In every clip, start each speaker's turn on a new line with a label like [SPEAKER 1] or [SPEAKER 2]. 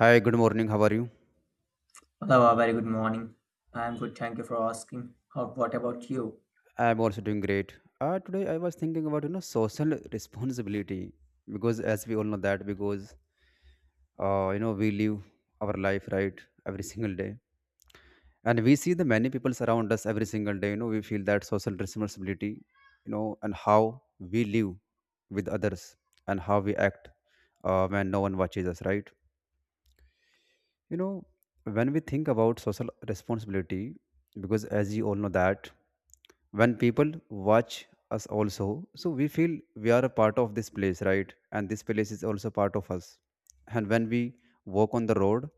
[SPEAKER 1] Hi, good morning. How are you?
[SPEAKER 2] Hello, a very good morning. I'm good, thank you for asking. How, what about you?
[SPEAKER 1] I'm also doing great. Today I was thinking about social responsibility because as we all know that because we live our life, right, every single day, and we see the many people around us every single day. You know, we feel that social responsibility, and how we live with others and how we act when no one watches us, right? you know when we think about social responsibility, because as you all know that when people watch us also, so we feel we are a part of this place, right, and this place is also part of us. And when we walk on the road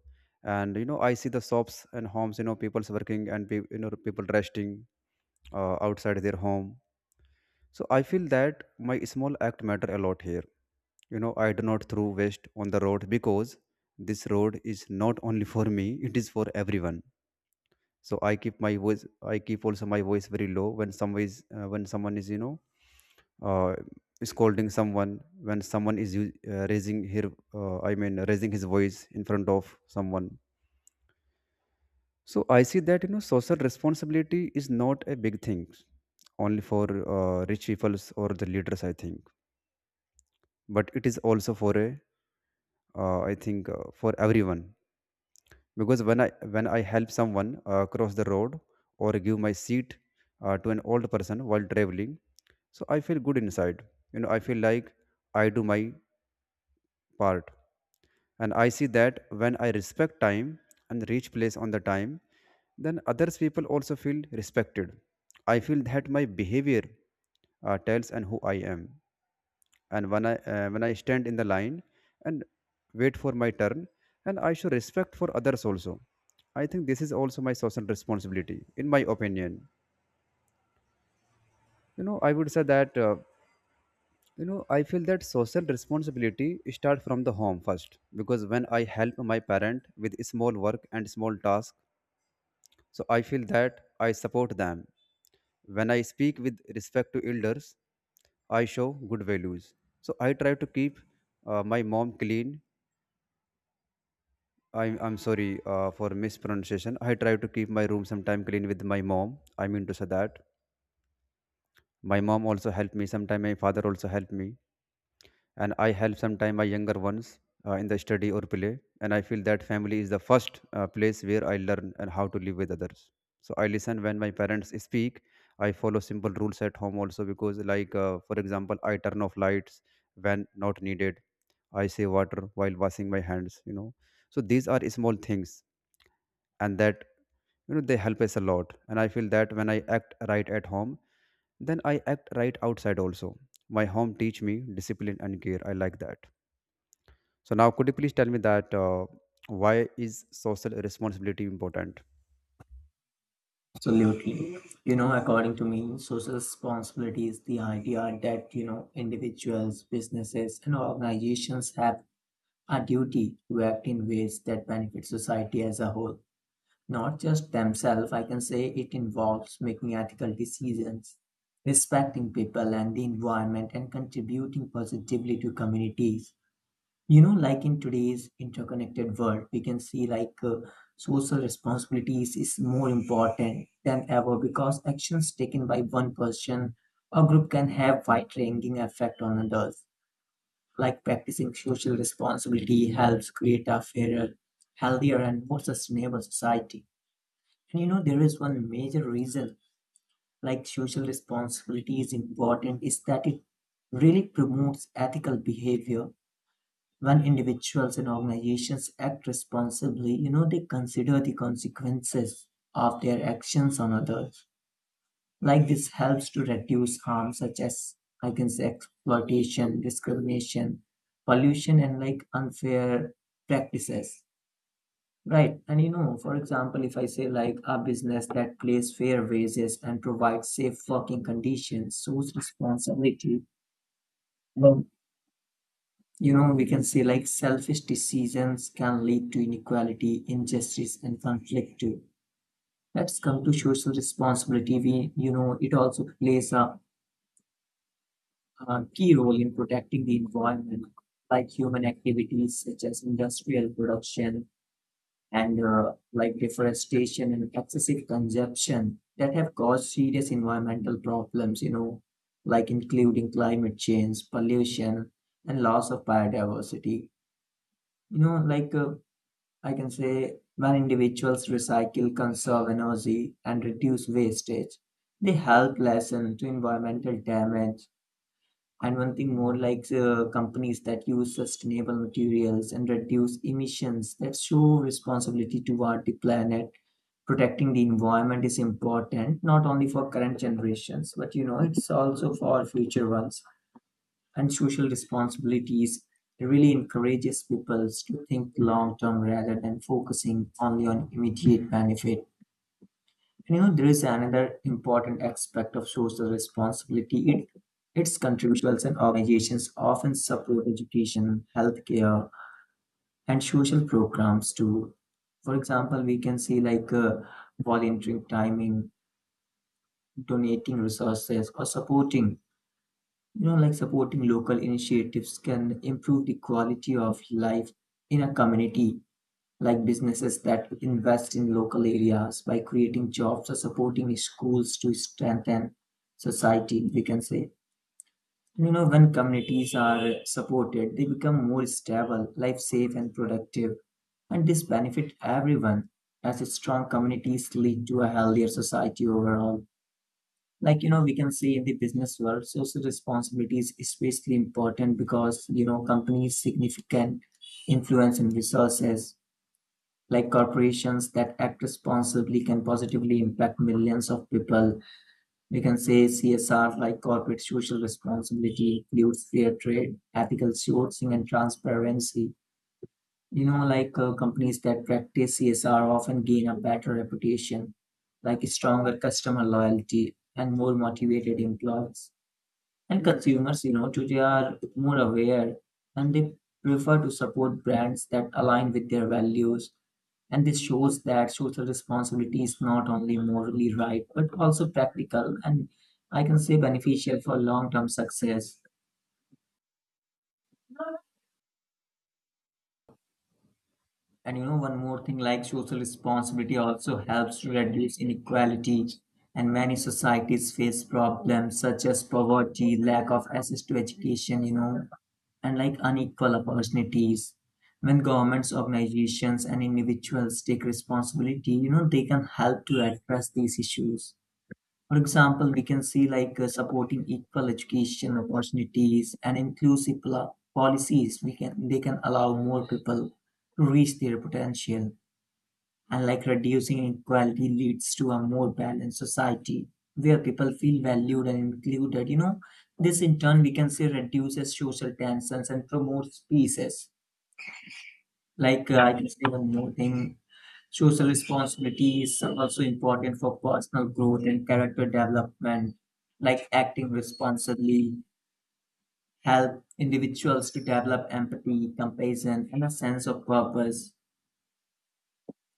[SPEAKER 1] and I see the shops and homes, you know, people's working and people resting outside their home, so I feel that my small act matter a lot here. You know, I do not throw waste on the road because this road is not only for me, it is for everyone. So I keep my voice, I keep also my voice very low when someone is uh, scolding someone. When someone is raising her, raising his voice in front of someone, so I see that, you know, social responsibility is not a big thing only for rich peoples or the leaders, I think, but it is also for a I think for everyone. Because when I help someone cross the road or give my seat to an old person while traveling, so I feel good inside. You know, I feel like I do my part. And I see that when I respect time and reach place on the time, then others people also feel respected. I feel that my behavior tells and who I am. And when I stand in the line and wait for my turn, and I show respect for others also, I think this is also my social responsibility, in my opinion. You know, I would say that, I feel that social responsibility start from the home first, because when I help my parent with small work and small task, so I feel that I support them. When I speak with respect to elders, I show good values. So I try to keep my mom clean. I'm sorry for mispronunciation. I try to keep my room sometime clean with my mom. I mean to say that my mom also helped me. Sometime my father also helped me, and I help sometime my younger ones in the study or play. And I feel that family is the first place where I learn and how to live with others. So I listen when my parents speak. I follow simple rules at home also because, like, for example, I turn off lights when not needed. I save water while washing my hands. So these are small things, and that, you know, they help us a lot. And I feel that when I act right at home, then I act right outside also. My home teach me discipline and care, I like that. So now, could you please tell me that, why is social responsibility important?
[SPEAKER 2] Absolutely. You know, according to me, social responsibility is the idea that, you know, individuals, businesses, and organizations have a duty to act in ways that benefit society as a whole. Not just themselves, I can say it involves making ethical decisions, respecting people and the environment, and contributing positively to communities. You know, like in today's interconnected world, we can see, social responsibilities is more important than ever, because actions taken by one person or group can have wide-ranging effect on others. Like, practicing social responsibility helps create a fairer, healthier, and more sustainable society. And you know, there is one major reason like social responsibility is important is that it really promotes ethical behavior. When individuals and organizations act responsibly, you know, they consider the consequences of their actions on others. Like, this helps to reduce harm such as, I can say, exploitation, discrimination, pollution, and like unfair practices. Right. And you know, for example, if I say like a business that pays fair wages and provides safe working conditions shows responsibility. You know, we can say like selfish decisions can lead to inequality, injustice, and conflict too. Let's come to social responsibility. We, you know, it also plays a, key role in protecting the environment. Like, human activities such as industrial production and like deforestation and excessive consumption that have caused serious environmental problems, you know, like including climate change, pollution, and loss of biodiversity. You know, I can say when individuals recycle, conserve energy, and reduce wastage, they help lessen to environmental damage. And one thing more, like, companies that use sustainable materials and reduce emissions, that show responsibility toward the planet. Protecting the environment is important not only for current generations, but you know, it's also for future ones. And social responsibilities really encourages people to think long term rather than focusing only on immediate benefit. And you know, there is another important aspect of social responsibility. It, its contributions and organizations often support education, healthcare, and social programs too. For example, we can see like, volunteering timing, donating resources, or supporting, you know, like supporting local initiatives can improve the quality of life in a community. Like, businesses that invest in local areas by creating jobs or supporting schools to strengthen society, we can say. You know, when communities are supported, they become more stable, life safe, and productive. And this benefits everyone, as strong communities lead to a healthier society overall. Like, you know, we can say in the business world social responsibility is especially important, because you know, companies significant influence and resources. Like corporations that act responsibly can positively impact millions of people. We can say CSR, like corporate social responsibility, includes fair trade, ethical sourcing, and transparency. You know, like, companies that practice CSR often gain a better reputation, like stronger customer loyalty and more motivated employees. And consumers, you know, today are more aware, and they prefer to support brands that align with their values. And this shows that social responsibility is not only morally right, but also practical and, I can say, beneficial for long term success. And you know, one more thing, like social responsibility also helps to reduce inequality. And many societies face problems such as poverty, lack of access to education, you know, and like unequal opportunities. When governments, organizations, and individuals take responsibility, you know, they can help to address these issues. For example, we can see like, supporting equal education opportunities and inclusive policies. We can They can allow more people to reach their potential, and like reducing inequality leads to a more balanced society where people feel valued and included. You know, this in turn, we can say, reduces social tensions and promotes peace. Like, I can say one more thing. Social responsibility is also important for personal growth and character development, like acting responsibly help individuals to develop empathy, compassion, and a sense of purpose.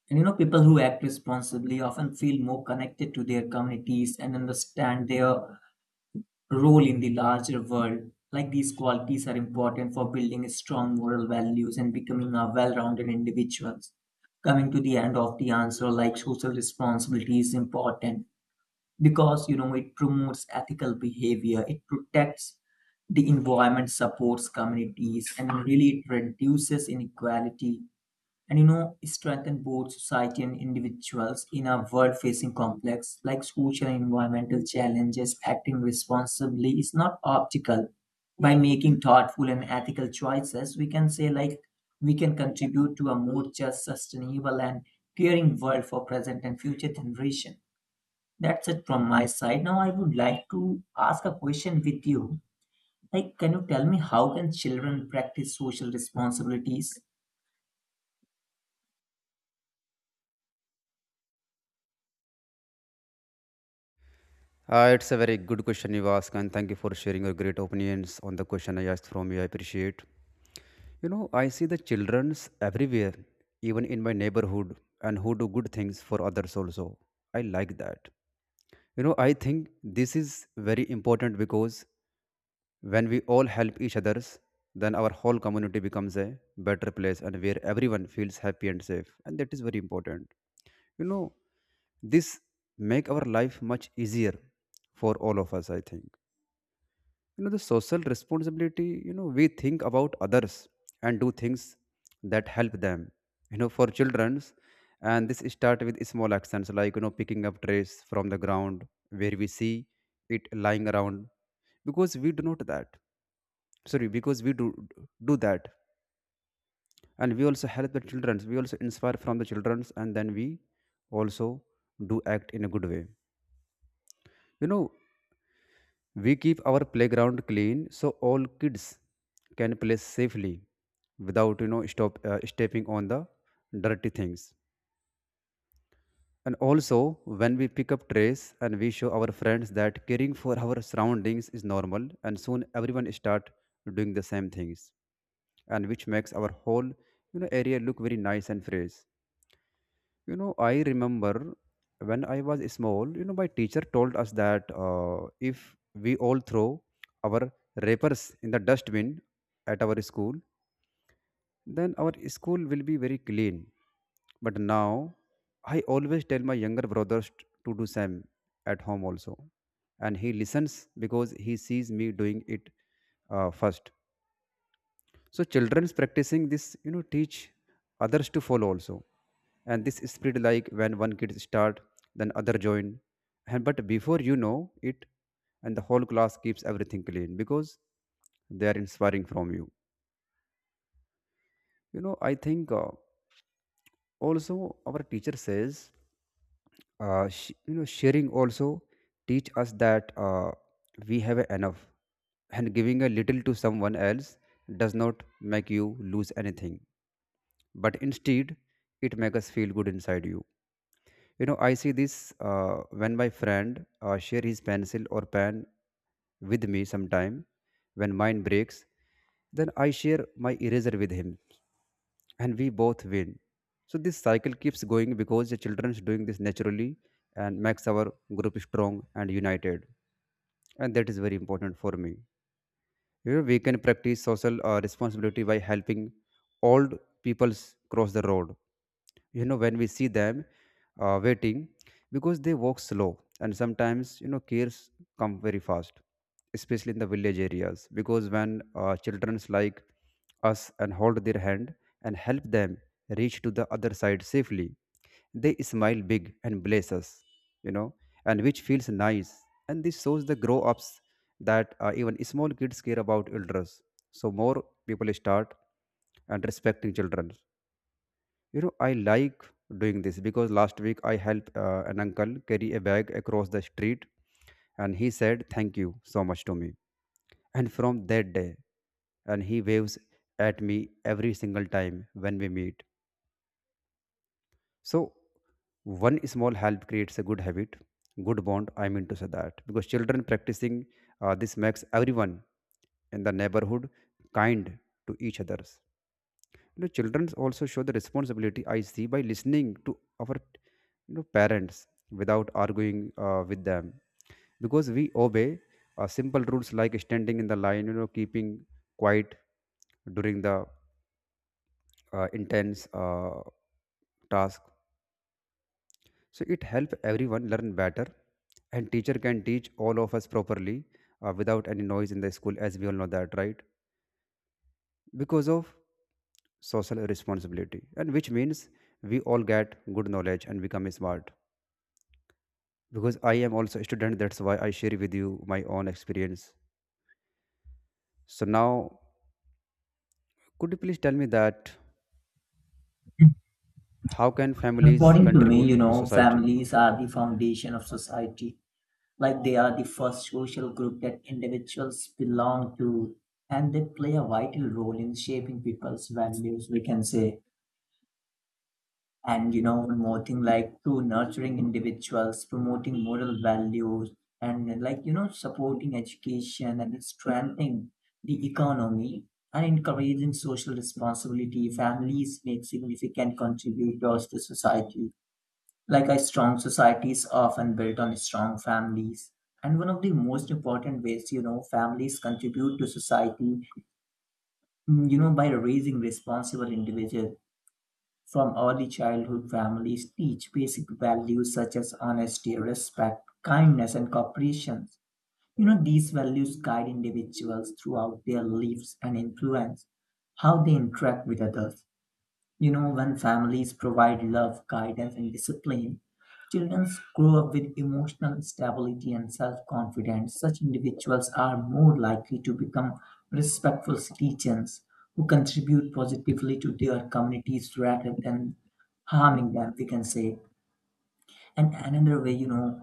[SPEAKER 2] And you know, people who act responsibly often feel more connected to their communities and understand their role in the larger world. Like, these qualities are important for building strong moral values and becoming a well-rounded individuals. Coming to the end of the answer, like social responsibility is important because you know, it promotes ethical behavior, it protects the environment, supports communities, and really it reduces inequality and you know, strengthen both society and individuals. In a world facing complex, like, social and environmental challenges, acting responsibly is not optical. By making thoughtful and ethical choices, we can say like we can contribute to a more just, sustainable, and caring world for present and future generation. That's it from my side. Now I would like to ask a question with you, like, can you tell me how can children practice social responsibilities?
[SPEAKER 1] It's a very good question you ask, and thank you for sharing your great opinions on the question I asked from you, I appreciate. You know, I see the children's everywhere, even in my neighborhood, and who do good things for others also, I like that. You know, I think this is very important because when we all help each others, then our whole community becomes a better place and where everyone feels happy and safe. And that is very important. You know, this make our life much easier for all of us, I think. You know, the social responsibility, you know, we think about others and do things that help them, you know, for children's. And this start with small actions, like, you know, picking up trays from the ground where we see it lying around because we do not that sorry because we do do that. And we also help the childrens, we also inspire from the childrens, and then we also do act in a good way. You know, we keep our playground clean so all kids can play safely without, you know, stop stepping on the dirty things. And also, when we pick up trays and we show our friends that caring for our surroundings is normal, and soon everyone start doing the same things, and which makes our whole, you know, area look very nice and fresh. You know, I remember when I was small, you know, my teacher told us that, if we all throw our wrappers in the dustbin at our school, then our school will be very clean. But now, I always tell my younger brothers to do same at home also. And he listens because he sees me doing it first. So children's practicing this, you know, teach others to follow also. And this spread, like when one kid start, then other join. And but before you know it, and the whole class keeps everything clean because they are inspiring from you. You know, I think, also our teacher says, sharing also teach us that, we have enough, and giving a little to someone else does not make you lose anything, but instead it makes us feel good inside. You know, I see this when my friend share his pencil or pen with me sometime when mine breaks, then I share my eraser with him and we both win. So this cycle keeps going because the children's doing this naturally and makes our group strong and united, and that is very important for me. You know, we can practice social responsibility by helping old peoples cross the road, you know, when we see them waiting because they walk slow and sometimes, you know, cares come very fast, especially in the village areas. Because when, children's like us and hold their hand and help them reach to the other side safely, they smile big and bless us, you know, and which feels nice. And this shows the grow ups that, even small kids care about elders, so more people start and respecting children. You know, I like doing this because last week I helped an uncle carry a bag across the street, and he said thank you so much to me. And from that day, and he waves at me every single time when we meet. So one small help creates a good habit, good bond, I mean to say that. Because children practicing this makes everyone in the neighborhood kind to each other. You know, children also show the responsibility, I see, by listening to our, you know, parents without arguing with them. Because we obey simple rules like standing in the line, you know, keeping quiet during the intense task. So it helps everyone learn better, and teacher can teach all of us properly without any noise in the school, as we all know that, right? Because of social responsibility, and which means we all get good knowledge and become smart, because I am also a student. That's why I share with you my own experience. So now, could you please tell me that how can families
[SPEAKER 2] According to me,
[SPEAKER 1] contribute
[SPEAKER 2] you
[SPEAKER 1] to
[SPEAKER 2] know,
[SPEAKER 1] society?
[SPEAKER 2] families are the foundation of society. Like, they are the first social group that individuals belong to, and they play a vital role in shaping people's values, we can say. And, you know, one more thing, like through nurturing individuals, promoting moral values, and, like, you know, supporting education and strengthening the economy and encouraging social responsibility, families make significant contributors to society, like a strong society is often built on strong families. And one of the most important ways, you know, families contribute to society, you know, by raising responsible individuals. From early childhood, families teach basic values such as honesty, respect, kindness, and cooperation. You know, these values guide individuals throughout their lives and influence how they interact with others. You know, when families provide love, guidance, and discipline, children grow up with emotional stability and self confidence. Such individuals are more likely to become respectful citizens who contribute positively to their communities rather than harming them, we can say. And another way, you know,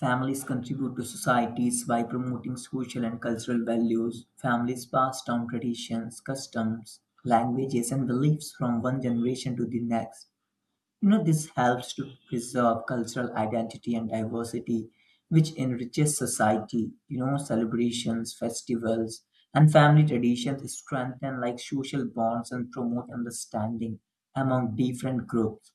[SPEAKER 2] families contribute to societies by promoting social and cultural values. Families pass down traditions, customs, languages, and beliefs from one generation to the next. You know, this helps to preserve cultural identity and diversity, which enriches society. You know, celebrations, festivals, and family traditions strengthen, like, social bonds and promote understanding among different groups.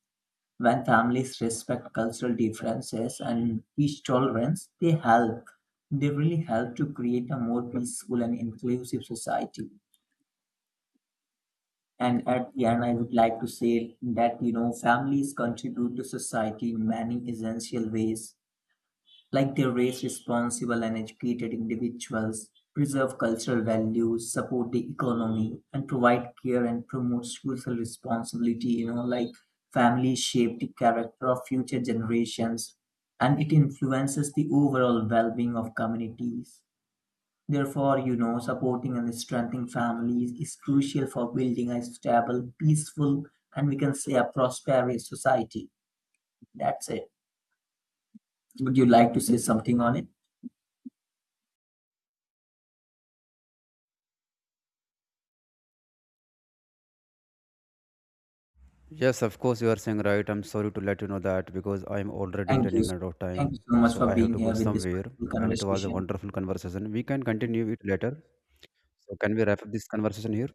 [SPEAKER 2] When families respect cultural differences and teach tolerance, they help. They really help to create a more peaceful and inclusive society. And at the end, I would like to say that you know, families contribute to society in many essential ways, like they raise responsible and educated individuals, preserve cultural values, support the economy, and provide care and promote social responsibility. You know, like families shape the character of future generations and it influences the overall well being of communities. Therefore, you know, supporting and strengthening families is crucial for building a stable, peaceful, and, we can say, a prosperous society. That's it. Would you like to say something on it?
[SPEAKER 1] Yes, of course you are saying right. I'm sorry to let you know that because I am already
[SPEAKER 2] Thank you.
[SPEAKER 1] running out of
[SPEAKER 2] Thank you
[SPEAKER 1] time.
[SPEAKER 2] so much
[SPEAKER 1] So
[SPEAKER 2] for
[SPEAKER 1] I have
[SPEAKER 2] being
[SPEAKER 1] to go
[SPEAKER 2] here with this
[SPEAKER 1] somewhere,
[SPEAKER 2] wonderful
[SPEAKER 1] and it was a
[SPEAKER 2] conversation.
[SPEAKER 1] wonderful conversation. We can continue it later. So can we wrap up this conversation here?